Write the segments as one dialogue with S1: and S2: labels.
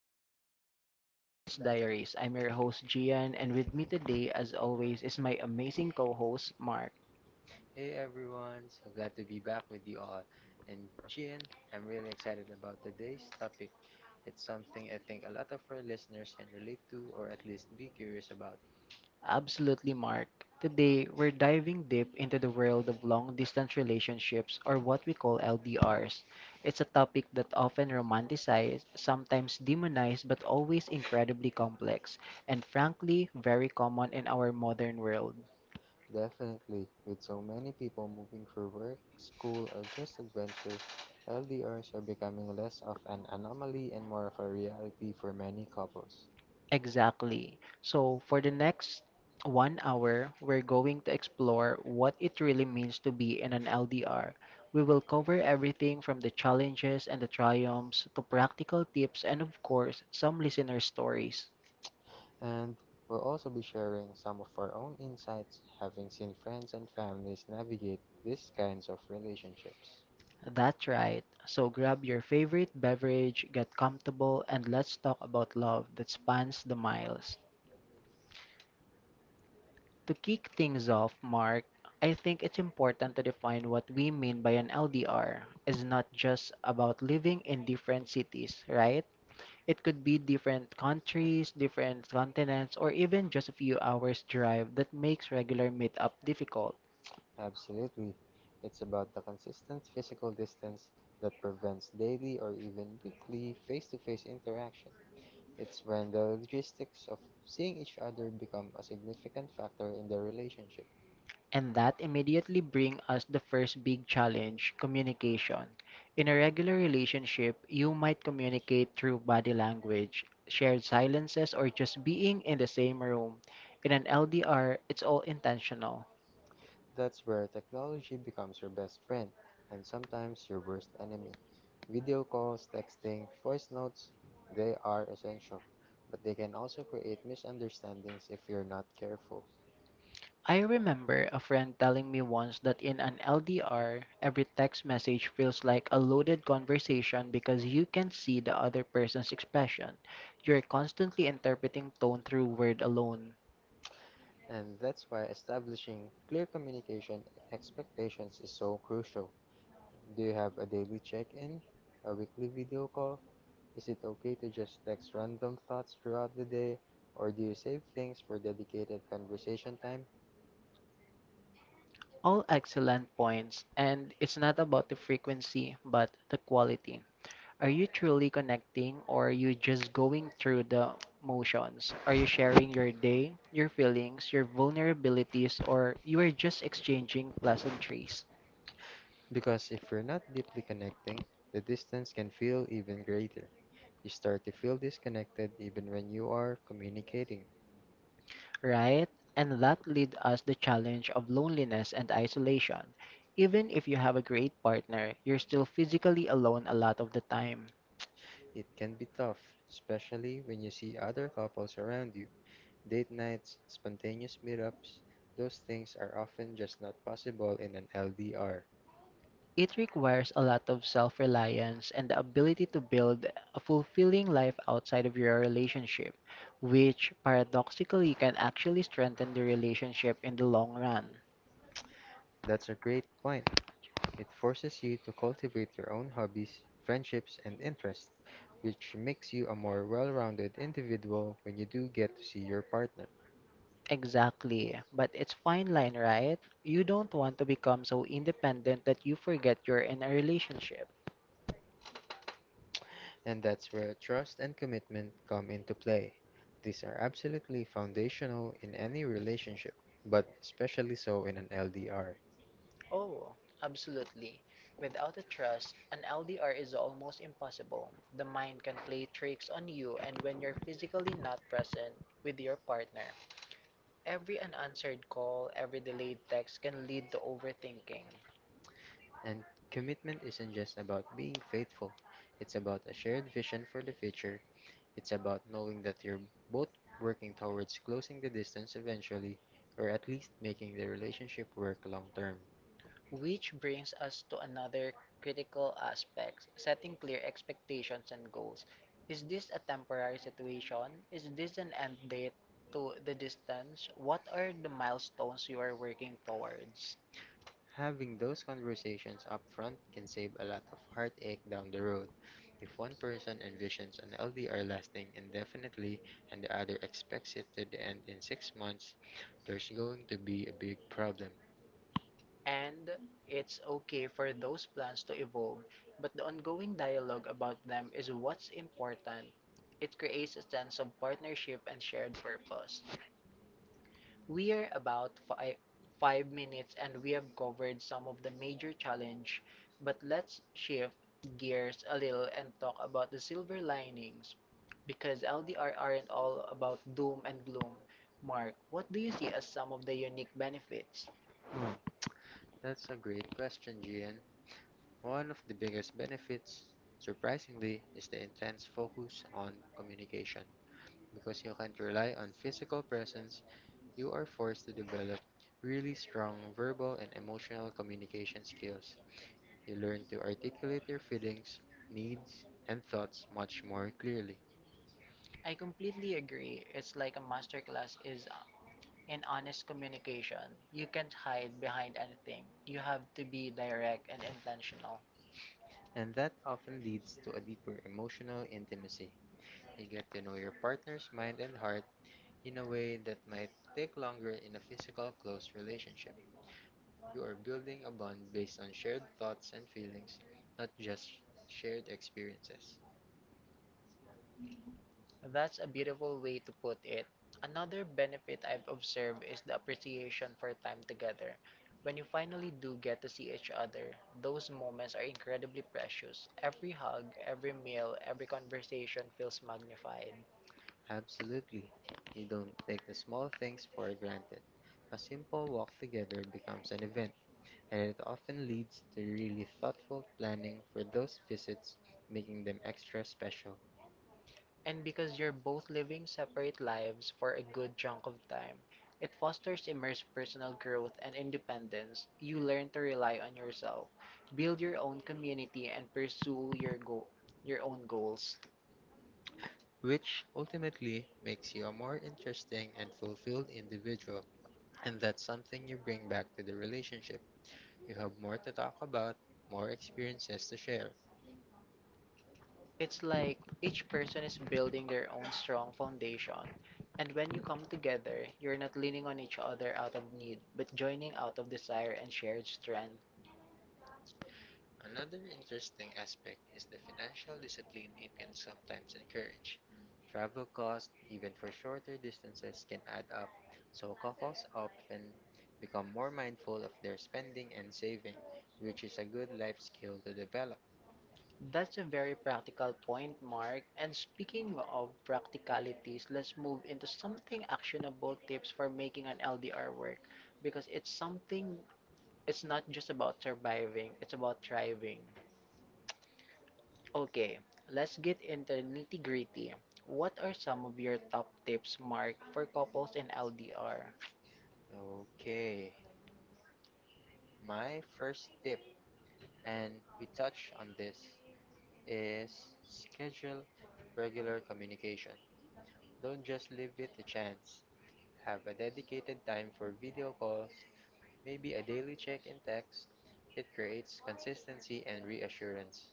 S1: welcome.
S2: welcome back to the Distance Diaries. I'm your host Gian, and with me today, as always, is my amazing co host Mark.
S1: Hey everyone, so glad to be back with you all. And Gian, I'm really excited about today's topic. It's something I think a lot of our listeners can relate to or at least be curious about.
S2: Absolutely, Mark. Today, we're diving deep into the world of long distance relationships, or what we call LDRs. It's a topic that often romanticized, sometimes demonized, but always incredibly complex, and frankly, very common in our modern world.
S1: Definitely, with so many people moving for work, school, or just adventure, LDRs are becoming less of an anomaly and more of a reality for many couples.
S2: Exactly. So, for the next 1 hour, we're going to explore what it really means to be in an LDR. We will cover everything from the challenges and the triumphs to practical tips and, of course, some listener stories.
S1: And we'll also be sharing some of our own insights having seen friends and families navigate these kinds of relationships.
S2: That's right. So, grab your favorite beverage, get comfortable, and let's talk about love that spans the miles. To kick things off, Mark, I think it's important to define what we mean by an LDR. It's not just about living in different cities, right? It could be different countries, different continents, or even just a few hours drive that makes regular meetup difficult.
S1: Absolutely. It's about the consistent physical distance that prevents daily or even weekly face to face interaction. It's when the logistics of seeing each other become a significant factor in the relationship.
S2: And that immediately brings us the first big challenge, communication. In a regular relationship, you might communicate through body language, shared silences, or just being in the same room. In an LDR, it's all intentional.
S1: That's where technology becomes your best friend and sometimes your worst enemy. Video calls, texting, voice notes, they are essential, but they can also create misunderstandings if you're not careful.
S2: I remember a friend telling me once that in an LDR, every text message feels like a loaded conversation because you can see the other person's expression. You're constantly interpreting tone through word alone.
S1: And that's why establishing clear communication expectations is so crucial. Do you have a daily check in? A weekly video call? Is it okay to just text random thoughts throughout the day? Or do you save things for dedicated conversation time?
S2: All excellent points, and it's not about the frequency, but the quality. Are you truly connecting, or are you just going through the motions? Are you sharing your day, your feelings, your vulnerabilities, or you are just exchanging pleasantries,
S1: Because if you're not deeply connecting, the distance can feel even greater. You start to feel disconnected even when you are communicating.
S2: right? And that lead us the challenge of loneliness and isolation. Even if you have a great partner, you're still physically alone a lot of the time.
S1: It can be tough, especially when you see other couples around you. Date nights, spontaneous meetups, those things are often just not possible in an LDR.
S2: It requires a lot of self reliance and the ability to build a fulfilling life outside of your relationship, which paradoxically can actually strengthen the relationship in the long run.
S1: That's a great point. It forces you to cultivate your own hobbies, friendships, and interests, which makes you a more well-rounded individual when you do get to see your partner.
S2: Exactly, but it's fine line, right? You don't want to become so independent that you forget you're in a relationship.
S1: And that's where trust and commitment come into play. These are absolutely foundational in any relationship, but especially so in an LDR. Oh,
S2: Oh, absolutely.
S1: without
S2: Without a
S1: the trust,
S2: trust,
S1: an
S2: an
S1: LDR
S2: LDR is
S1: is
S2: almost
S1: almost impossible.
S2: impossible. The
S1: The mind
S2: mind can play
S1: keeps
S2: tricks
S1: on
S2: on
S1: you,
S2: you,
S1: and
S2: and
S1: when
S2: when
S1: you're
S2: you're
S1: physically
S2: physically
S1: not
S2: not
S1: present
S2: present
S1: with
S2: with
S1: your
S2: your
S1: partner,
S2: partner,
S1: every
S2: every
S1: unanswered
S2: unanswered call,
S1: call, every
S2: every
S1: delayed
S2: delayed text
S1: text can
S2: can
S1: lead
S2: lead
S1: to
S2: to
S1: overthinking.
S2: overthinking,
S1: And commitment isn't just about being faithful, it's about a shared vision for the future. It's about knowing that you're both working towards closing the distance eventually, or at least making the relationship work long term.
S2: which
S1: Which
S2: brings
S1: brings us
S2: us to
S1: to another
S2: another critical
S1: critical aspect
S2: aspect
S1: setting
S2: setting
S1: clear
S2: clear
S1: expectations
S2: expectations and
S1: and
S2: goals.
S1: goals.
S2: Is
S1: Is this
S2: this a
S1: a
S2: temporary
S1: temporary
S2: situation?
S1: separation? Is
S2: Is this
S1: this an
S2: an end
S1: end
S2: date
S1: date to
S2: to the
S1: the distance?
S2: distance? What are
S1: Are the
S2: the
S1: milestones
S2: milestones
S1: you
S2: you are
S1: are
S2: working
S1: working
S2: towards?
S1: towards? Having those conversations up front can save a lot of heartache down the road. If one person envisions an LDR lasting indefinitely and the other expects it to end in 6 months, there's going to be a big problem.
S2: And
S1: And
S2: it's okay
S1: for
S2: for those
S1: those
S2: plans
S1: plans
S2: to
S1: to evolve,
S2: evolve, but
S1: but the
S2: the ongoing
S1: ongoing
S2: dialogue
S1: dialogue
S2: about
S1: about
S2: them
S1: them
S2: is
S1: is
S2: what's
S1: important.
S2: important. It
S1: The
S2: creates a sense
S1: sense of
S2: of
S1: partnerships.
S2: partnership and shared purpose. We
S1: We are
S2: are
S1: at
S2: about five
S1: five
S2: minutes
S1: minutes and
S2: and we
S1: we have
S2: have covered some
S1: some of
S2: of the
S1: the
S2: major
S1: major
S2: challenge,
S1: challenge
S2: but let's shift
S1: shifts gears
S2: gears
S1: a
S2: a little
S1: little
S2: and
S1: and
S2: talk
S1: talk about
S2: about the silver linings.
S1: linings because
S2: Because
S1: LDR
S2: LDR aren't
S1: aren't
S2: all
S1: all about
S2: about doom
S1: doom and
S2: and gloom.
S1: gloom.
S2: Mark,
S1: Mark, what
S2: what do
S1: do
S2: you
S1: you see
S2: see as
S1: as
S2: some
S1: some of
S2: of the
S1: the
S2: unique
S1: unique benefits?
S2: benefits?
S1: Hmm, That's a great question, Gian. One of the biggest benefits, surprisingly, is the intense focus on communication. Because you can't rely on physical presence, you are forced to develop really strong verbal and emotional communication skills. You learn to articulate your feelings, needs, and thoughts much more clearly.
S2: I
S1: I compare
S2: completely agree.
S1: this
S2: It's
S1: like
S2: like a
S1: a
S2: masterclass
S1: masterclass is
S2: is
S1: in
S2: in
S1: honest
S2: honest
S1: communication.
S2: communication. You
S1: You
S2: can't
S1: can't hide
S2: hide
S1: behind
S2: behind
S1: anything.
S2: anything. You
S1: You
S2: have
S1: have to
S2: to be
S1: be direct
S2: direct
S1: and
S2: and
S1: intentional.
S2: intentional.
S1: And that often leads to a deeper emotional intimacy. You get to know your partner's mind and heart in a way that might take longer in a physical close relationship. You are building a bond based on shared thoughts and feelings, not just shared experiences.
S2: That's
S1: That's
S2: a beautiful way to put it. Another
S1: another trait
S2: benefit I've
S1: I've observed
S2: observed is
S1: is
S2: the
S1: the
S2: appreciation
S1: appreciation for
S2: for time
S1: time together.
S2: together.
S1: When
S2: When
S1: you
S2: you
S1: finally
S2: finally
S1: do
S2: do
S1: get
S2: get to see
S1: each
S2: each
S1: other,
S2: other, those
S1: those
S2: moments
S1: moments
S2: are
S1: are
S2: incredibly
S1: incredibly precious.
S2: precious. Every
S1: Every hug,
S2: hug, every
S1: every meal,
S2: meal,
S1: every
S2: every conversation feels magnified.
S1: absolutely. You don't take the small things for granted. A simple walk together becomes an event, and it often leads to really thoughtful planning for those visits, making them extra special.
S2: And
S1: And because
S2: because you're
S1: you're both
S2: both
S1: living
S2: living separate
S1: separate
S2: lives
S1: lives,
S2: for a
S1: a good
S2: good
S1: chunk
S2: chunk
S1: of
S2: of
S1: time,
S2: time, it fosters immense personal
S1: personal
S2: growth
S1: growth,
S2: and
S1: and independence
S2: independence. You
S1: you learn
S2: learn to
S1: to
S2: rely
S1: rely on
S2: on yourself,
S1: yourself, build
S2: build
S1: your
S2: your
S1: own
S2: own community,
S1: community, and
S2: and
S1: pursue
S2: pursue
S1: your
S2: your,
S1: goal, your
S2: your
S1: own
S2: own
S1: goals,
S2: goals.
S1: which ultimately makes you a more interesting and fulfilled individual. And that's something you bring back to the relationship. You have more to talk about, more experiences to share. It's
S2: It's
S1: like
S2: like
S1: each
S2: each person
S1: person
S2: is
S1: is building
S2: building
S1: their
S2: their
S1: own
S2: own
S1: strong,
S2: strong foundation,
S1: bond, and
S2: and
S1: when
S2: when you
S1: you come
S2: come
S1: to
S2: together, you're not leaning
S1: leaning on
S2: on
S1: each
S2: each other
S1: other out
S2: out
S1: of
S2: of
S1: need,
S2: need,
S1: but
S2: but
S1: joining
S2: joining
S1: out
S2: out
S1: of
S2: of desire
S1: desire and
S2: and shared
S1: strength,
S2: strength.
S1: another interesting aspect is the financial discipline it can sometimes encourage. Travel costs, even for shorter distances, can add up, so couples often become more mindful of their spending and saving, which is a good life skill to develop. That's
S2: That's a
S1: a very
S2: very
S1: practical
S2: practical
S1: point,
S2: point,
S1: Mark.
S2: Mark. And
S1: Speaking
S2: speaking
S1: of
S2: of
S1: realities,
S2: practicalities,
S1: let's
S2: let's
S1: move
S2: move
S1: into
S2: into
S1: something
S2: something
S1: actionable
S2: actionable tips for making
S1: on
S2: an
S1: LDR
S2: LDR
S1: work.
S2: work because it's
S1: I think
S2: something,
S1: it's
S2: it's
S1: not
S2: not just
S1: just about
S2: about
S1: surviving,
S2: surviving, it's
S1: it's about
S2: about
S1: thriving.
S2: thriving. Okay,
S1: Let's
S2: let's get into the nitty
S1: nitpick.
S2: gritty.
S1: What
S2: What
S1: are
S2: are
S1: some
S2: some
S1: of
S2: of your top
S1: tips
S2: tips,
S1: marked
S2: Mark,
S1: for
S2: for couples in
S1: LDR?
S2: LDR?
S1: Okay, my first tip, and we touched on this, is schedule regular communication. Don't just leave it to chance. Have a dedicated time for video calls, maybe a daily check in text. It creates consistency and reassurance.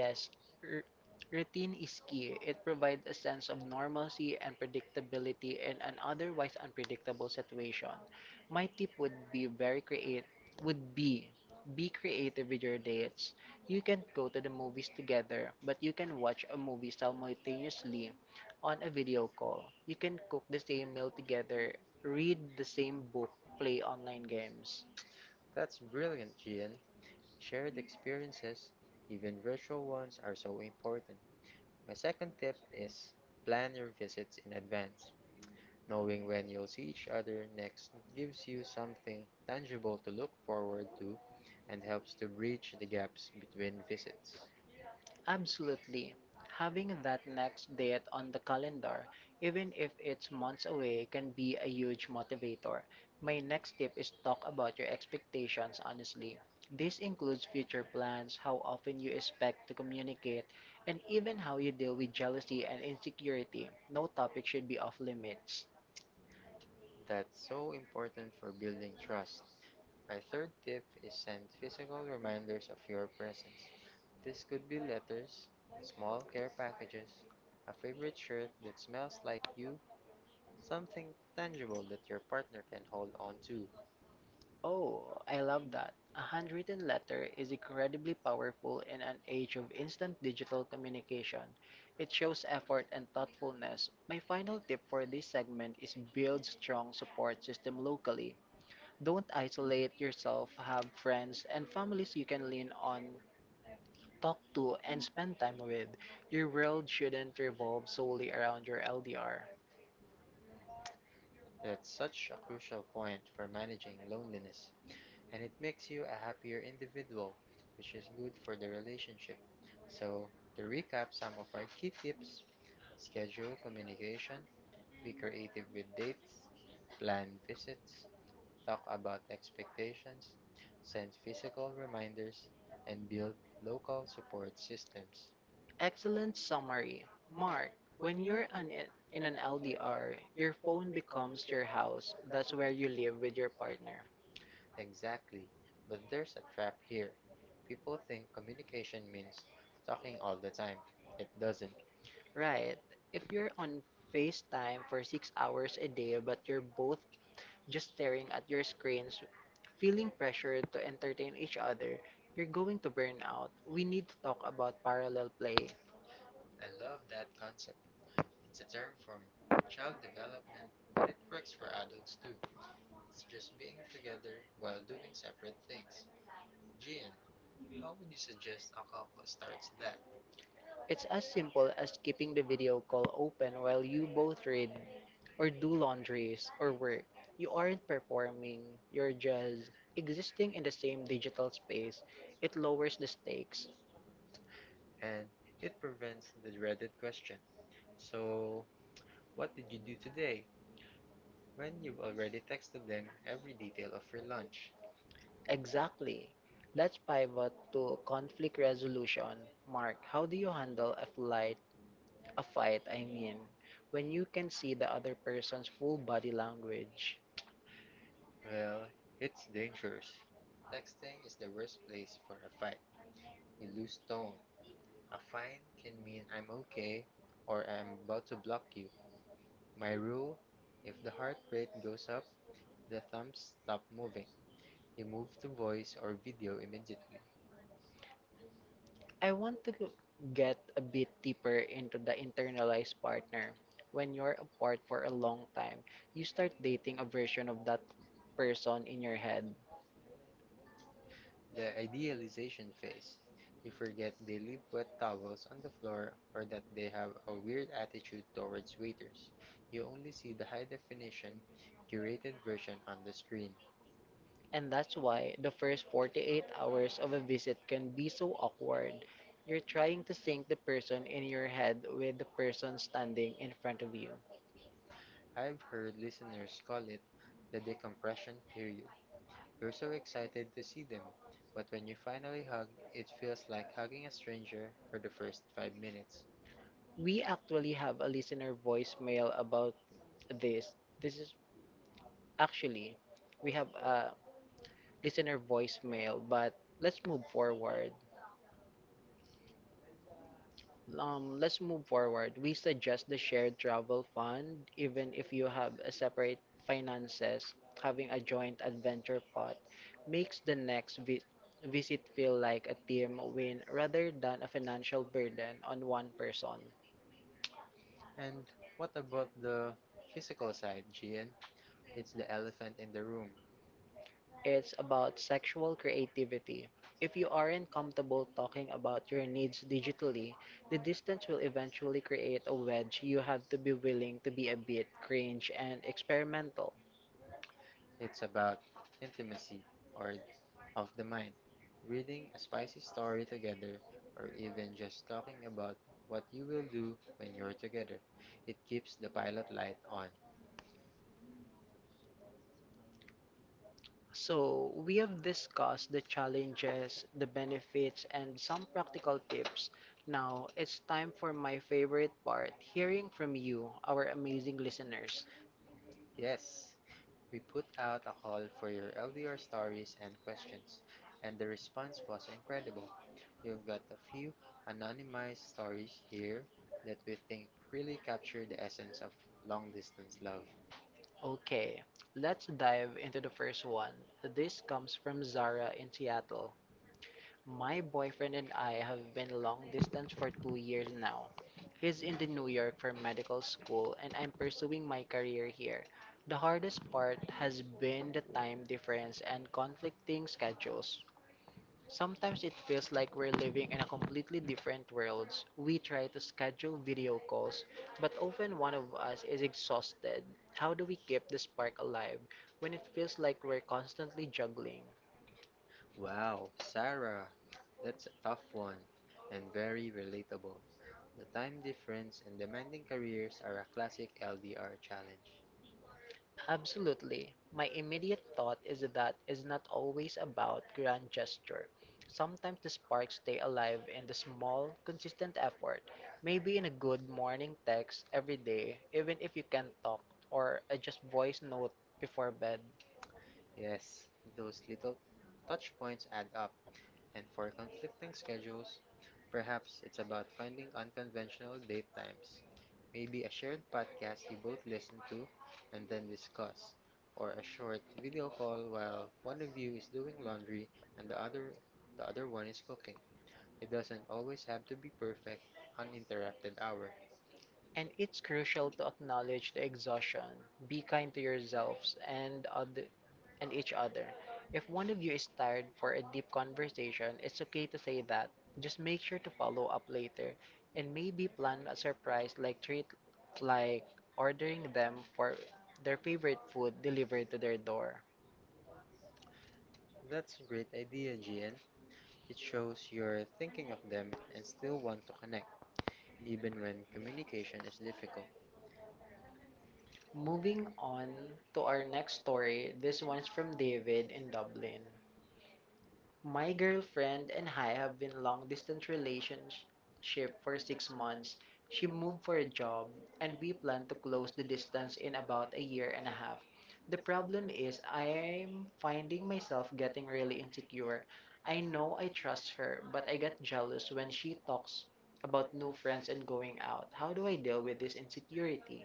S2: Yes, r-
S1: r-
S2: routine
S1: routine
S2: is
S1: is key.
S2: key.
S1: It
S2: It
S1: provides
S2: provides a
S1: a
S2: sense
S1: sense of
S2: of normalcy
S1: normalcy
S2: and
S1: and
S2: predictability
S1: predictability in
S2: in
S1: an
S2: an otherwise
S1: otherwise unpredictable
S2: unpredictable situation.
S1: situation.
S2: My
S1: My tip
S2: tip
S1: would
S2: would be
S1: be
S2: very
S1: very creative.
S2: create
S1: Would
S2: would be
S1: be creative
S2: creative
S1: with
S2: with
S1: your
S2: your
S1: dates.
S2: dates.
S1: You
S2: You
S1: can
S2: can
S1: go
S2: go to
S1: to
S2: the
S1: the
S2: movies
S1: movies together,
S2: together, but
S1: but
S2: you
S1: you
S2: can
S1: can
S2: watch
S1: watch
S2: a
S1: a
S2: movie
S1: movie
S2: simultaneously
S1: simultaneously on
S2: on a
S1: a
S2: video
S1: video call.
S2: call. You
S1: You can
S2: can
S1: cook
S2: cook
S1: the
S2: the same
S1: same
S2: meal
S1: meal
S2: together,
S1: together,
S2: read the same book, play
S1: play
S2: online
S1: online
S2: games.
S1: games. That's brilliant, Gian. Shared experiences, even virtual ones, are so important. My second tip is plan your visits in advance. Knowing when you'll see each other next gives you something tangible to look forward to and helps to bridge the gaps between visits. Abs-
S2: Absolutely.
S1: Having
S2: Having
S1: that
S2: that
S1: next
S2: next
S1: visit
S2: date
S1: on
S2: on
S1: the
S2: the
S1: calendar
S2: calendar, even if
S1: it's
S2: it's
S1: months
S2: months
S1: away
S2: away,
S1: can
S2: can
S1: be
S2: be
S1: a
S2: a
S1: huge
S2: huge
S1: motivator.
S2: motivator. My
S1: My
S2: next tip is talk about your
S1: friends,
S2: expectations
S1: honestly,
S2: honestly. This includes future plans,
S1: plans how
S2: how often you expect
S1: to
S2: to
S1: communicate,
S2: communicate, and
S1: even
S2: even
S1: how
S2: how
S1: to
S2: you deal with
S1: be
S2: jealousy
S1: and
S2: and
S1: its
S2: insecurity. No topic should be off
S1: limits.
S2: limits.
S1: That's so important for building trust. My third tip is send physical reminders of your presence. This could be letters, small care packages, a favorite shirt that smells like you, something tangible that your partner can hold on to. Oh,
S2: Oh,
S1: I
S2: I
S1: love
S2: love
S1: that.
S2: that. A
S1: I often
S2: handwritten
S1: like
S2: letter
S1: the
S2: is
S1: incredible
S2: incredibly powerful in an
S1: age
S2: age
S1: of
S2: of
S1: instant
S2: instant
S1: digital
S2: digital
S1: communication.
S2: communication.
S1: It
S2: It
S1: shows
S2: shows
S1: effort
S2: effort
S1: and
S2: and
S1: thoughtfulness.
S2: thoughtfulness.
S1: My
S2: My
S1: final
S2: final
S1: tip
S2: tip
S1: for
S2: for
S1: this
S2: this
S1: segment
S2: segment
S1: is
S2: is
S1: build
S2: build
S1: strong
S2: strong
S1: support
S2: support
S1: system
S2: system
S1: locally.
S2: locally.
S1: Don't
S2: Don't
S1: isolate
S2: isolate
S1: yourself,
S2: yourself,
S1: have
S2: have
S1: friends
S2: friends
S1: and
S2: and
S1: families you
S2: families you
S1: can
S2: can
S1: lean
S2: lean
S1: on
S2: on,
S1: talk
S2: talk
S1: to,
S2: to,
S1: and
S2: and
S1: spend
S2: spend
S1: time
S2: time
S1: with
S2: with.
S1: your
S2: Your world shouldn't
S1: world
S2: revolve
S1: solely
S2: solely
S1: around
S2: around
S1: your
S2: your
S1: LDR.
S2: LDR.
S1: That's such a crucial point for managing loneliness, and it makes you a happier individual, which is good for the relationship. So, to recap some of our key tips schedule communication, be creative with dates, plan visits, talk about expectations, send physical reminders, and build local support systems. Excellent,
S2: Excellent summary.
S1: smart,
S2: Mark,
S1: when
S2: when
S1: you're
S2: you're
S1: an,
S2: an,
S1: in
S2: in
S1: an
S2: an
S1: LDR,
S2: LDR, your phone becomes your house.
S1: that's
S2: That's
S1: where
S2: where
S1: you
S2: you
S1: live
S2: live
S1: with
S2: with
S1: your
S2: your
S1: partner.
S2: partner.
S1: Exactly. But there's a trap here. People think communication means talking all the time. It doesn't. Right.
S2: Right.
S1: If
S2: If you're
S1: you're on
S2: on
S1: time
S2: FaceTime
S1: for
S2: for 6 hours a day, but you're both just
S1: staring
S2: staring
S1: at
S2: at
S1: your
S2: your
S1: screens,
S2: screens,
S1: feeling
S2: feeling
S1: pressured
S2: pressured
S1: to
S2: to
S1: enter
S2: entertain
S1: each
S2: each
S1: other,
S2: other,
S1: you're
S2: you're going to burn out. We need to talk
S1: about
S2: about
S1: parallel.
S2: parallel play.
S1: I love that concept. It's a term from child development, but it works for adults too. It's just being together while doing separate things. Gian, how would you suggest a couple starts that?
S2: It's
S1: It's
S2: as simple as keeping the video call
S1: when
S2: open
S1: while
S2: while
S1: you
S2: you both
S1: did
S2: read or do
S1: this
S2: laundries or
S1: or work,
S2: work.
S1: you
S2: You
S1: are
S2: aren't
S1: affirming
S2: performing, you're just existing in the same digital space.
S1: it
S2: It lowers the stakes.
S1: fixes. And it prevents the dreaded question. So, what did you do today? When you've already texted them every detail of your lunch.
S2: Exactly. Let's
S1: Pivot
S2: pivot
S1: to
S2: to conflict resolution.
S1: condition mark.
S2: Mark, how do you
S1: You handle
S2: handle a
S1: a
S2: a
S1: fight,
S2: fight,
S1: I
S2: I
S1: mean,
S2: mean, when you can
S1: see
S2: see
S1: the
S2: the
S1: other
S2: other person's
S1: person's
S2: full
S1: full
S2: body
S1: body language.
S2: language?
S1: Well, it's dangerous. Texting is the worst place for a fight. You lose tone, a fine can mean I'm okay or I'm about to block you. My rule if the heart rate goes up, the thumbs stop moving. You move to voice or video immediately. I
S2: I
S1: want
S2: want
S1: to
S2: to
S1: go
S2: go- Get a bit deeper into the internalized partner. When you're
S1: for
S2: apart for a
S1: a
S2: long time, you start dating a version of that
S1: person
S2: person in
S1: in your
S2: your
S1: head.
S2: head.
S1: The idealization phase. You forget they leave wet towels on the floor or that they have a weird attitude towards waiters. You only see the high definition, curated version on the screen.
S2: And that's why the first 48 hours of a visit can be so awkward. You're trying to sync the person in your head with the person standing in front of you.
S1: I've heard listeners call it the decompression period. You're so excited to see them, but when you finally hug, it feels like hugging a stranger for the first 5 minutes.
S2: We actually have a listener voicemail about this. This is actually, We have a listener
S1: Ismail,
S2: voicemail, but let's move forward.
S1: um,
S2: Let's move forward. We suggest the shared travel
S1: bond
S2: fund, even if you have a separate
S1: finances,
S2: finances,
S1: having
S2: having a joint adventure pot makes the next visit feel like a team win rather than a financial
S1: an
S2: burden on one
S1: unwind.
S2: person.
S1: And what about the physical side, Gian? It's the elephant in the room.
S2: It's
S1: It's
S2: about sexual creativity. If you aren't comfortable talking about your needs digitally, the distance will eventually create a wedge. You have to be willing to be a bit cringe
S1: strange
S2: and experimental.
S1: it's about intimacy or of the mind. Reading a spicy story together or even just talking about what you will do when you're together. It keeps the pilot light on. So
S2: So, we
S1: we have
S2: have discussed the
S1: just
S2: challenges, the
S1: it
S2: benefits, and some practical tips.
S1: now.
S2: Now, it's
S1: And
S2: time
S1: for
S2: for
S1: my
S2: my favorite
S1: part,
S2: part hearing from
S1: from you,
S2: you, our
S1: our amazing
S2: amazing
S1: listeners.
S2: listeners.
S1: Yes. We put out a call for your LDR stories and questions, and the response was incredible. We've got a few anonymized stories here that we think really capture the essence of long distance love.
S2: Okay, let's dive into the first one. This
S1: Next
S2: comes
S1: comes
S2: from
S1: Zara.
S2: Zara in Seattle. My
S1: Mine
S2: boyfriend and I
S1: have
S2: have
S1: been
S2: been
S1: long
S2: long
S1: distance
S2: distance
S1: for
S2: for two
S1: 2 years.
S2: years now.
S1: She's
S2: He's in the
S1: in
S2: New
S1: the
S2: York for medical school
S1: and
S2: and I'm
S1: I'm
S2: pursuing my career here.
S1: the
S2: The
S1: hardest
S2: hardest
S1: part
S2: part
S1: has
S2: has been the time difference and conflicting schedules.
S1: some
S2: Sometimes it feels like
S1: we're
S2: we're
S1: living
S2: living
S1: in
S2: in
S1: a
S2: a
S1: complete
S2: completely different
S1: world,
S2: worlds. We try to schedule video
S1: false,
S2: calls, but
S1: but often
S2: often
S1: one
S2: one
S1: of
S2: of us
S1: us
S2: is
S1: is
S2: exhausted. How do we keep the spark
S1: alive.
S2: alive
S1: When
S2: when
S1: it
S2: it
S1: feels.
S2: feels like we're constantly juggling?
S1: Wow, Sarah, that's a tough one and very relatable. The time difference and demanding careers are a classic LDR challenge.
S2: Absolutely.
S1: My
S2: My immediate thought is that it's not always about grand gesture. Sometimes the sparks stay alive in
S1: and
S2: the
S1: the small
S2: small, consistent effort. Maybe in a
S1: good
S2: good
S1: morning.
S2: morning text every day, even if you can't talk, or a just voice note before bed.
S1: Yes, those little touch points add up. And for conflicting schedules, perhaps it's about finding unconventional date times. Maybe a shared podcast you both listen to and then discuss, or a short video call while one of you is doing laundry and the other one is cooking. It doesn't always have to be perfect, uninterrupted hour. And
S2: And it's crucial to
S1: acknowledge
S2: acknowledge the exhaustion, be kind to yourselves
S1: and
S2: and other,
S1: and
S2: and
S1: it
S2: each other. If
S1: reflects
S2: one of you is tired for a deep conversation, it's okay to say that. Just make sure to follow up later and maybe plan a surprise like treat
S1: like
S2: like ordering them for
S1: their.
S2: their favorite food delivered to their door.
S1: That's a great idea, Gian. It shows you're thinking of them and still want to connect, even when communication is difficult.
S2: Moving
S1: Moving on
S2: on to
S1: to
S2: our
S1: our
S2: next
S1: next
S2: story. This one's from David in Dublin. My girlfriend
S1: girlfriend
S2: and I have been long distance relationship
S1: shift
S2: for six
S1: from
S2: months.
S1: month's
S2: She moved for a job
S1: job
S2: and
S1: and
S2: we plan
S1: plan
S2: to
S1: to
S2: close
S1: close
S2: the
S1: the
S2: distance
S1: distance
S2: in
S1: in
S2: about
S1: about
S2: a
S1: a
S2: year and a half.
S1: half.
S2: The
S1: The
S2: problem
S1: problem
S2: is
S1: is I
S2: I'm
S1: find it
S2: finding myself getting really
S1: really insecure.
S2: insecure. I
S1: I
S2: know
S1: know
S2: I
S1: I
S2: trust her,
S1: deserve
S2: but I get jealous when she talks about new
S1: no
S2: friends
S1: friends
S2: and going
S1: going
S2: out.
S1: out.
S2: How do I deal with this insecurity?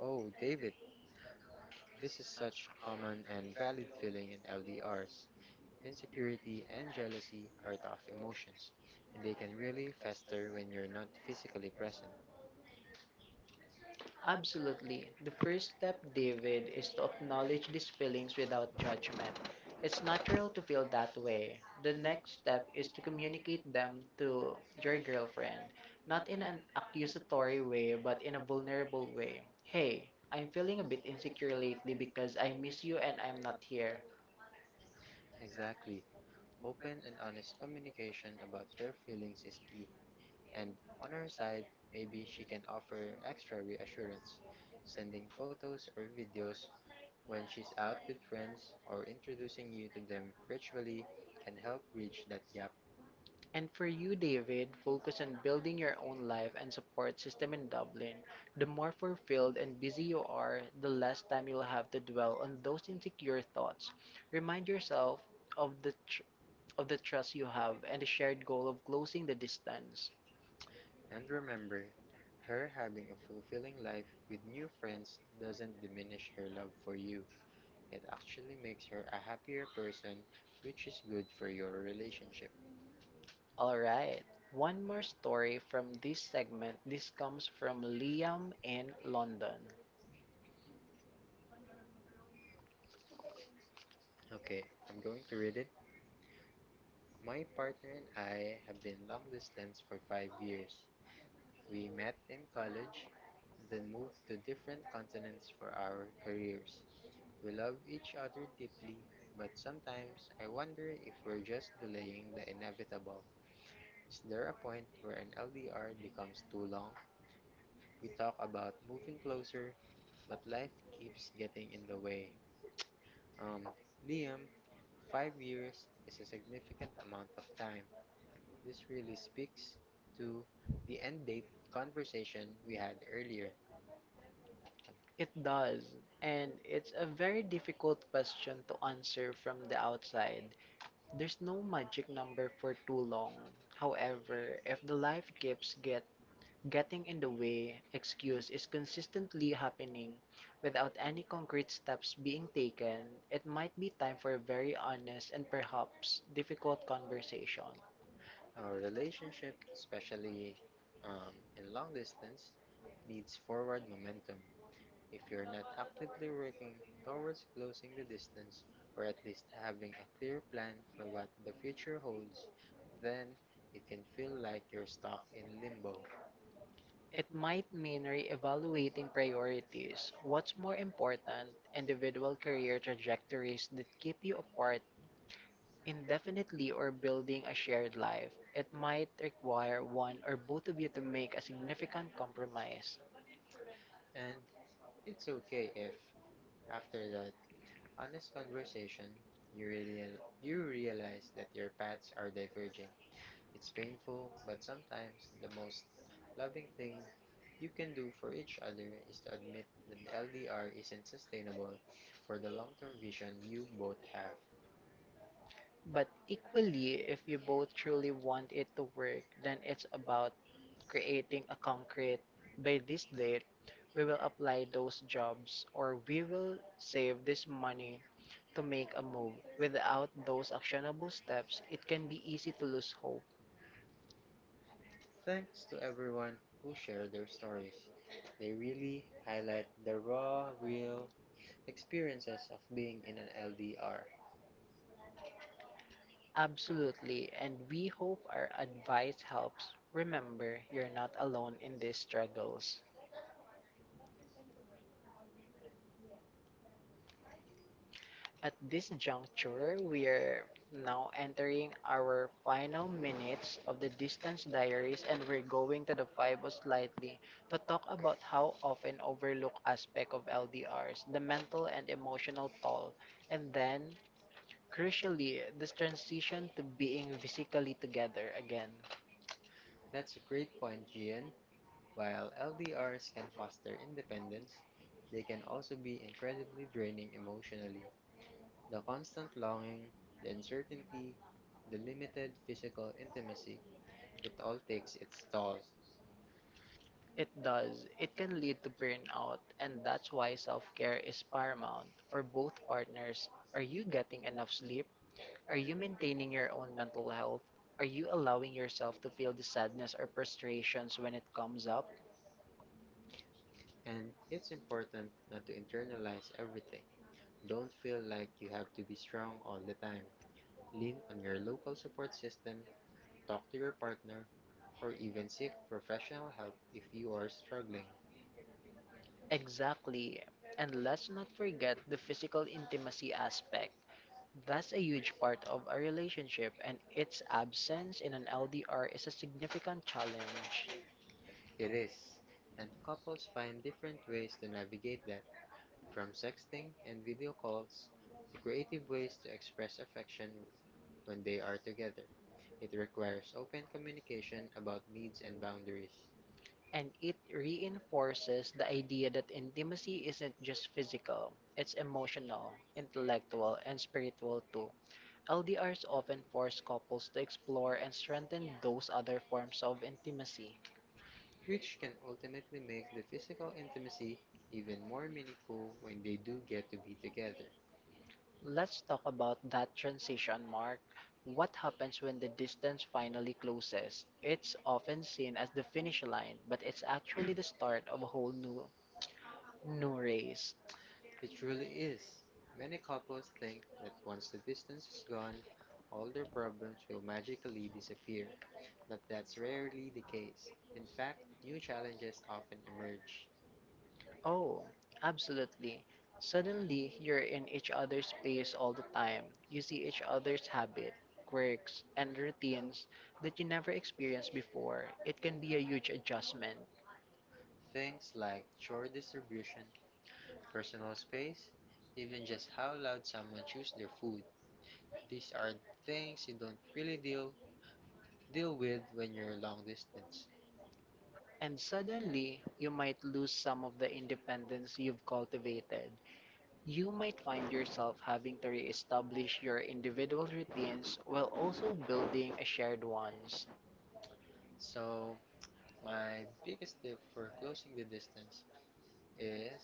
S1: Oh, David, this is such a common and valid feeling in LDRs. Insecurity and jealousy are tough emotions, and they can really fester when you're not physically present. Really,
S2: Absolutely. The
S1: the
S2: first
S1: first
S2: step,
S1: step Mail
S2: David, is
S1: is
S2: to
S1: to
S2: acknowledge
S1: acknowledge
S2: these
S1: these
S2: feelings
S1: feelings without
S2: without judgment.
S1: words.
S2: It's
S1: It's
S2: natural to
S1: another
S2: feel that
S1: way
S2: way. The next step is
S1: to
S2: to communicate
S1: communicate them
S2: them
S1: to
S2: to your
S1: a
S2: girlfriend,
S1: friend,
S2: not
S1: not
S2: in
S1: in an
S2: an accusatory way, but in a vulnerable
S1: way.
S2: way.
S1: Hey,
S2: Hey, I'm
S1: I'm
S2: feeling a
S1: feeling
S2: bit insecure lately because
S1: this,
S2: I
S1: I
S2: miss
S1: miss
S2: you
S1: you
S2: and
S1: and
S2: I'm
S1: I'm
S2: not
S1: not
S2: here.
S1: here. Exactly. Open and honest communication about your feelings is key. And on her side, maybe she can offer extra reassurance, sending photos or videos when she's out with friends or introducing you to them virtually can help bridge that gap. And
S2: And for you, David,
S1: focus
S2: focus
S1: on
S2: on building
S1: building
S2: your
S1: their own
S2: own life
S1: life and
S2: and support
S1: keeps
S2: system
S1: them in
S2: in Dublin.
S1: Dublin,
S2: The
S1: the
S2: more fulfilled
S1: bold and
S2: and busy you
S1: beautiful
S2: are,
S1: are
S2: the less
S1: next time
S2: time
S1: you
S2: you'll have to dwell
S1: dwell on
S2: on
S1: those
S2: those insecure thoughts.
S1: thoughts
S2: Remind yourself
S1: yourself
S2: of of the trust you
S1: have
S2: have and the
S1: and
S2: shared goal of closing the distance.
S1: distance. And remember, her having a fulfilling life with new friends doesn't diminish her love for you. It actually makes her a happier person, which is good for your relationship.
S2: All right.
S1: One
S2: One more story from this
S1: segment,
S2: segment. This
S1: this
S2: comes
S1: comes from
S2: from Liam
S1: in
S2: in
S1: London.
S2: London.
S1: Okay, I'm going to read it. My partner and I have been long distance for 5 years. We met in college, then moved to different continents for our careers. We love each other deeply, but sometimes I wonder if we're just delaying the inevitable. Is there a point where an LDR becomes too long? We talk about moving closer, but life keeps getting in the way. Um, Liam, 5 years is a significant amount of time. This really speaks to the end date conversation we had earlier.
S2: It does, and
S1: And
S2: it's a very difficult question to answer
S1: from
S2: from the
S1: the
S2: outside. There's no magic number for too
S1: alone
S2: long. However, if the life keeps getting in the way, excuse is consistently happening
S1: meaning
S2: without any concrete steps
S1: being
S2: being taken,
S1: taken is
S2: it might be time for a very
S1: honest
S2: honest and perhaps difficult
S1: conversation.
S2: conversation.
S1: Our relationship, especially in long distance, needs forward momentum. If you're not actively working towards closing the distance, or at least having a clear plan for what the future holds, then it can feel like you're stuck in limbo. It
S2: It
S1: might
S2: might mean
S1: mean reiterating
S2: re-evaluating
S1: priorities,
S2: priorities,
S1: what
S2: what's more
S1: importance,
S2: important,
S1: and
S2: individual career trajectories that keep you apart indefinitely or building a shared
S1: why.
S2: life,
S1: It
S2: it
S1: might
S2: might require one
S1: want
S2: or both of
S1: did
S2: you to
S1: make
S2: make
S1: a
S2: a
S1: significant
S2: significant
S1: compromise.
S2: compromise.
S1: And it's okay if, after that honest conversation, you real you realize that your paths are diverging. It's painful, but sometimes the most loving thing you can do for each other is to admit that LDR isn't sustainable for the long-term vision you both have.
S2: But equally, if you both truly want it to work, then it's about creating a concrete by this date, we will apply those jobs or we will save
S1: Balance
S2: this
S1: money,
S2: money to make
S1: a
S2: a
S1: move.
S2: move. Without those actionable steps, it can be easy to lose hope.
S1: Thanks to everyone who shared their stories. They really highlight the raw, real experiences of being in an LDR.
S2: Absolutely, and we hope our advice
S1: Advice
S2: helps.
S1: member
S2: Remember, you're not alone
S1: in
S2: in these
S1: this
S2: struggles. At this
S1: lecture
S2: juncture,
S1: we
S2: we
S1: are
S2: are
S1: now
S2: now
S1: in
S2: entering
S1: our
S2: our final
S1: final minutes
S2: minutes
S1: of
S2: of the
S1: the
S2: distance
S1: diaries
S2: diaries
S1: and
S2: and we're going to the FIBO
S1: revivals life
S2: slightly to talk about
S1: about
S2: how often overlooked aspect of
S1: DRs
S2: LDRs, the mental
S1: people
S2: and emotional toll,
S1: and
S2: and then, crucially, this transition to being physically together again.
S1: that's a great point, Gian. While LDRs can foster independence, they can also be incredibly draining emotionally. The constant longing, the uncertainty, the limited physical intimacy, it all takes its toll.
S2: It does. It can lead to burnout,
S1: Out, and
S2: and
S1: that's
S2: that's
S1: why
S2: why
S1: it's
S2: self-care is
S1: paramount.
S2: paramount for
S1: Both
S2: both
S1: partners
S2: partners. Are
S1: are
S2: you
S1: getting
S2: getting
S1: enough
S2: enough
S1: sleep,
S2: sleep?
S1: are
S2: Are you
S1: human
S2: maintaining
S1: their
S2: your
S1: own
S2: own
S1: mental
S2: mental health? Are
S1: are you
S2: you allowing yourself to feel the sadness or frustrations when it comes
S1: comes up.
S2: up?
S1: And it's important not to internalize everything. Don't feel like you have to be strong all the time. Lean on your local support system, talk to your partner, or even seek professional help if you are struggling. Like,
S2: Exactly.
S1: and
S2: And let's not forget the physical intimacy
S1: aspect
S2: aspect. That's a huge part of a relationship, and
S1: and
S2: its
S1: sense
S2: absence
S1: in
S2: in
S1: an
S2: an
S1: outdoor
S2: LDR is a
S1: challenge.
S2: significant challenge.
S1: It is, and couples find different ways to navigate that, from sexting and video calls to creative ways to express affection when they are together. It requires open communication about needs and boundaries,
S2: And it reinforces the idea that intimacy isn't just physical, it's emotional, intellectual, and spiritual too. LDRs often force couples to explore and strengthen those other forms of intimacy.
S1: which can ultimately make the physical intimacy even more meaningful when they do get to be together.
S2: Let's talk about that transition, Mark. What happens
S1: When
S2: when the
S1: the
S2: distance finally closes? It's often
S1: seen
S2: seen
S1: as
S2: as the finish line, but it's actually the start of a whole new
S1: it.
S2: race.
S1: Truly is. Many couples think that once the distance is gone, all their problems will magically disappear, but that's rarely the case. In fact, new challenges often emerge. Oh,
S2: Oh, absolutely.
S1: suddenly
S2: Suddenly,
S1: you're
S2: you're in
S1: at each
S2: each
S1: other's
S2: other's
S1: pain
S2: space
S1: all
S2: all the
S1: the time,
S2: time. You see each other's habits, quirks,
S1: and
S2: and
S1: routines
S2: routines that you never
S1: here as
S2: experienced
S1: before.
S2: before.
S1: It
S2: It
S1: can
S2: can
S1: be
S2: be a
S1: a
S2: huge adjustment.
S1: things like chore distribution, personal space, even just how loud someone chews their food. These are things you don't really deal with when you're long distance. And
S2: And
S1: suddenly,
S2: suddenly,
S1: you
S2: you
S1: might
S2: might lose some of the independence
S1: dependency.
S2: you've cultivated.
S1: You
S2: You
S1: might
S2: might
S1: find
S2: find
S1: yourself
S2: yourself
S1: having
S2: having
S1: to
S2: to
S1: reestablish
S2: reestablish
S1: your
S2: your
S1: individual
S2: individual
S1: routines
S2: routines while
S1: while
S2: also
S1: also building
S2: building
S1: a
S2: a
S1: shared
S2: shared
S1: ones.
S2: ones.
S1: So, my biggest tip for closing the distance is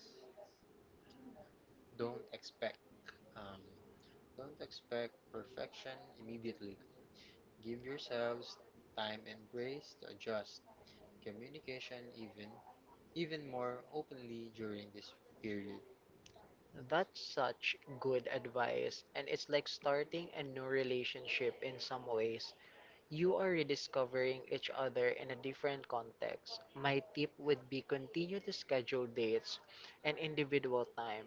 S1: don't expect um, don't expect perfection immediately. Give yourselves time and grace to adjust. Communication even more openly during this period.
S2: That's
S1: Such
S2: such
S1: good
S2: good advice, and it's like
S1: acting
S2: starting a
S1: and
S2: new
S1: nurture
S2: relationship in
S1: in some
S2: some
S1: ways
S2: ways. You are rediscovering
S1: each
S2: each other
S1: other in
S2: in a
S1: a difference
S2: different context.
S1: might
S2: My
S1: tip
S2: tip would be continue to schedule dates and individual
S1: time
S2: time.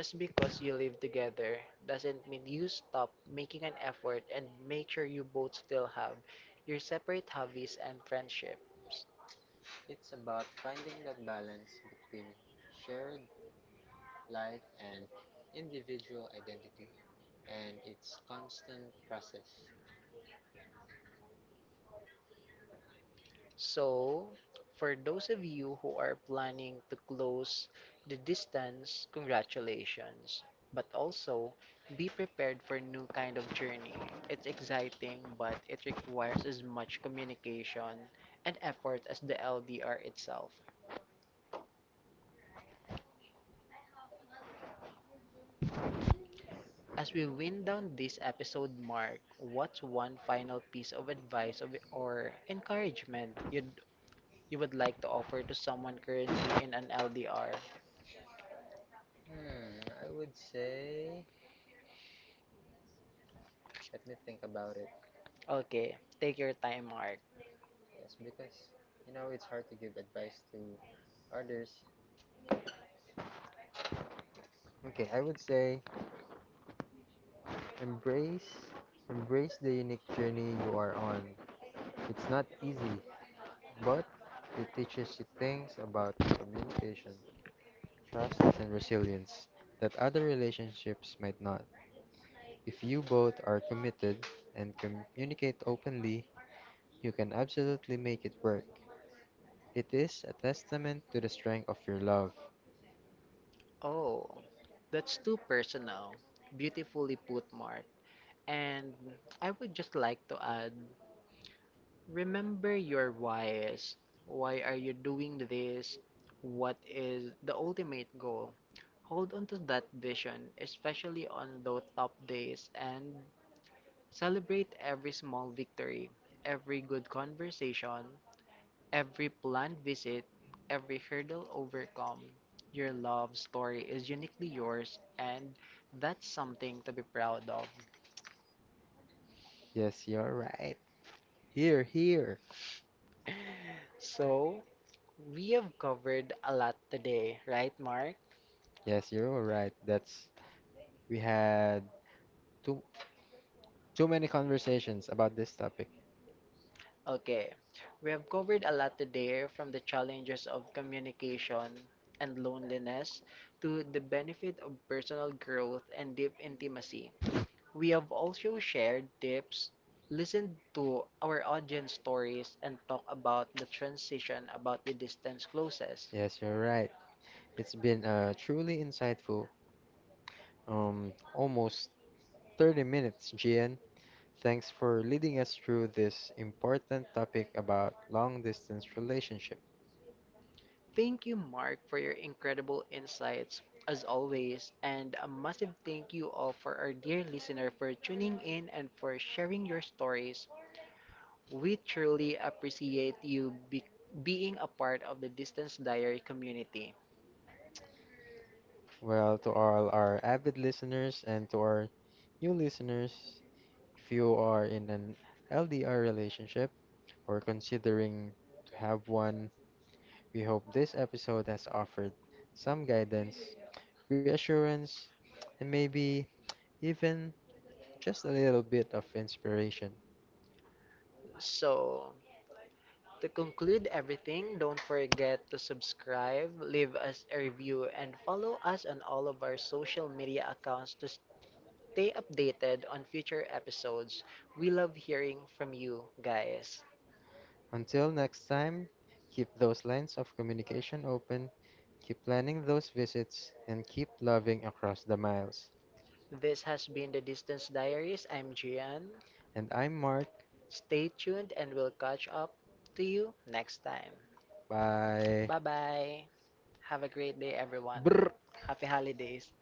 S1: because
S2: because
S1: you
S2: you live together doesn't
S1: when
S2: mean
S1: you
S2: you
S1: stop
S2: stop making
S1: making an
S2: an
S1: effort
S2: effort
S1: and
S2: and
S1: make
S2: make
S1: sure
S2: sure you both still
S1: still have.
S2: have your separate hobbies and friendships.
S1: It's about finding that balance between shared life and individual identity, and it's constant process. So,
S2: So, for
S1: for
S2: those
S1: those of
S2: of you
S1: you who
S2: who are
S1: are planning
S2: planning to
S1: to
S2: close the distance,
S1: distance
S2: congratulations.
S1: actions,
S2: But also,
S1: so,
S2: be prepared for new
S1: new kind
S2: kind
S1: of
S2: of
S1: thing.
S2: journey. It's
S1: It's exciting,
S2: exciting, but
S1: but it
S2: it
S1: requires
S2: requires as much communication and effort as the LDR itself.
S1: us.
S2: As we
S1: Bring
S2: wind
S1: down
S2: down
S1: this
S2: this
S1: episode
S2: episode
S1: mark
S2: mark, what's one final piece of advice of, or encouragement
S1: and give the
S2: you'd, you would like to
S1: offer
S2: offer to someone
S1: to
S2: currently in
S1: third.
S2: an LDR?
S1: Hmm, I would say, let me think about it.
S2: Okay, take your time, Mark.
S1: Yes, because, you know, it's hard to give advice to others. Okay, I would say embrace embrace the unique journey you are on. It's not easy, but it teaches you things about communication, trust, and resilience that other relationships might not. If you both are committed and communicate openly, you can absolutely make it work. It is a testament to the strength of your love. Oh,
S2: Oh,
S1: that's
S2: that's
S1: too
S2: too
S1: personal,
S2: personal. Beautifully put,
S1: Mark.
S2: Mark.
S1: And
S2: And I would just like to add remember
S1: remember
S2: your
S1: your
S2: whys.
S1: whys.
S2: Why
S1: Why
S2: are
S1: are
S2: you
S1: you doing
S2: doing
S1: the
S2: this? What
S1: what is
S2: is
S1: the
S2: the
S1: ultimate
S2: ultimate goal?
S1: goal? Hold
S2: Hold on
S1: on to
S2: to
S1: the
S2: that
S1: vision,
S2: vision, especially
S1: especially on
S2: on those
S1: those
S2: tough days,
S1: and
S2: and celebrate every
S1: every
S2: small
S1: small detail,
S2: victory,
S1: every
S2: every good
S1: conversation,
S2: conversation, every planned visit, every
S1: hurdle
S2: hurdle
S1: overcome,
S2: overcome, your
S1: your
S2: love
S1: loves
S2: story is
S1: is
S2: uniquely
S1: uniquely yours
S2: yours,
S1: and
S2: and that's
S1: something
S2: something to
S1: to
S2: be
S1: be proud
S2: proud
S1: of.
S2: of.
S1: Yes, you're right. Here, here. So,
S2: So, we
S1: we have
S2: have
S1: covered
S2: covered a
S1: a
S2: lot
S1: lot today,
S2: today, right,
S1: right, Mark?
S2: Mark?
S1: Yes, you're right. That's we had too too many conversations about this topic.
S2: Okay, we have
S1: With
S2: covered a lot today from the challenges
S1: challenges,
S2: of
S1: passion,
S2: communication and
S1: loneliness,
S2: loneliness to the
S1: spirit
S2: benefit
S1: of
S2: of personal
S1: personal
S2: growth
S1: growth, and
S2: and
S1: the
S2: deep intimacy. We have also shared tips,
S1: listen.
S2: listened to our audience stories, and talked about the transition about the distance closes.
S1: Yes, you're right. It's been truly insightful. Almost 30 minutes, GN. Thanks for leading us through this important topic about long distance relationship. Thank
S2: Thank you,
S1: you, Mark.
S2: Mark, for your
S1: Incredible
S2: incredible
S1: insight.
S2: insights, as always,
S1: And
S2: and a massive
S1: thank
S2: thank
S1: you
S2: you all
S1: all,
S2: for our dear listener
S1: listener, for
S2: for
S1: tuning
S2: tuning
S1: in
S2: in
S1: and
S2: and for sharing your stories. We truly
S1: truly a
S2: appreciate being a part of the Distance Diary
S1: community.
S2: community.
S1: Well, to all our avid listeners and to our new listeners, if you are in an LDR relationship or considering to have one, we hope this episode has offered some guidance, reassurance, and maybe even just a little bit of inspiration. So,
S2: So, to
S1: if you
S2: conclude
S1: can,
S2: everything,
S1: don't
S2: don't forget to subscribe,
S1: forgive
S2: leave
S1: us
S2: us a
S1: if
S2: review,
S1: you and
S2: and follow us on all
S1: of
S2: of our
S1: our
S2: social
S1: social media
S2: media accounts to stay updated on
S1: favorite
S2: future
S1: episode
S2: episodes. We love hearing
S1: from
S2: from
S1: you.
S2: you guys.
S1: Until next time, keep those lines of communication open, keep planning those visits, and keep loving across the miles.
S2: This
S1: This
S2: has
S1: has
S2: been
S1: been
S2: the
S1: the
S2: Distance
S1: Distance Diary,
S2: Diaries. I'm
S1: Gian.
S2: Gian.
S1: And I'm Mark.
S2: Stay
S1: Stay tuned
S2: tuned
S1: and
S2: and we'll
S1: we'll
S2: catch up to you next time.
S1: bye.
S2: Bye
S1: Come
S2: bye. Have a great day, everyone.
S1: brr.
S2: Happy holidays.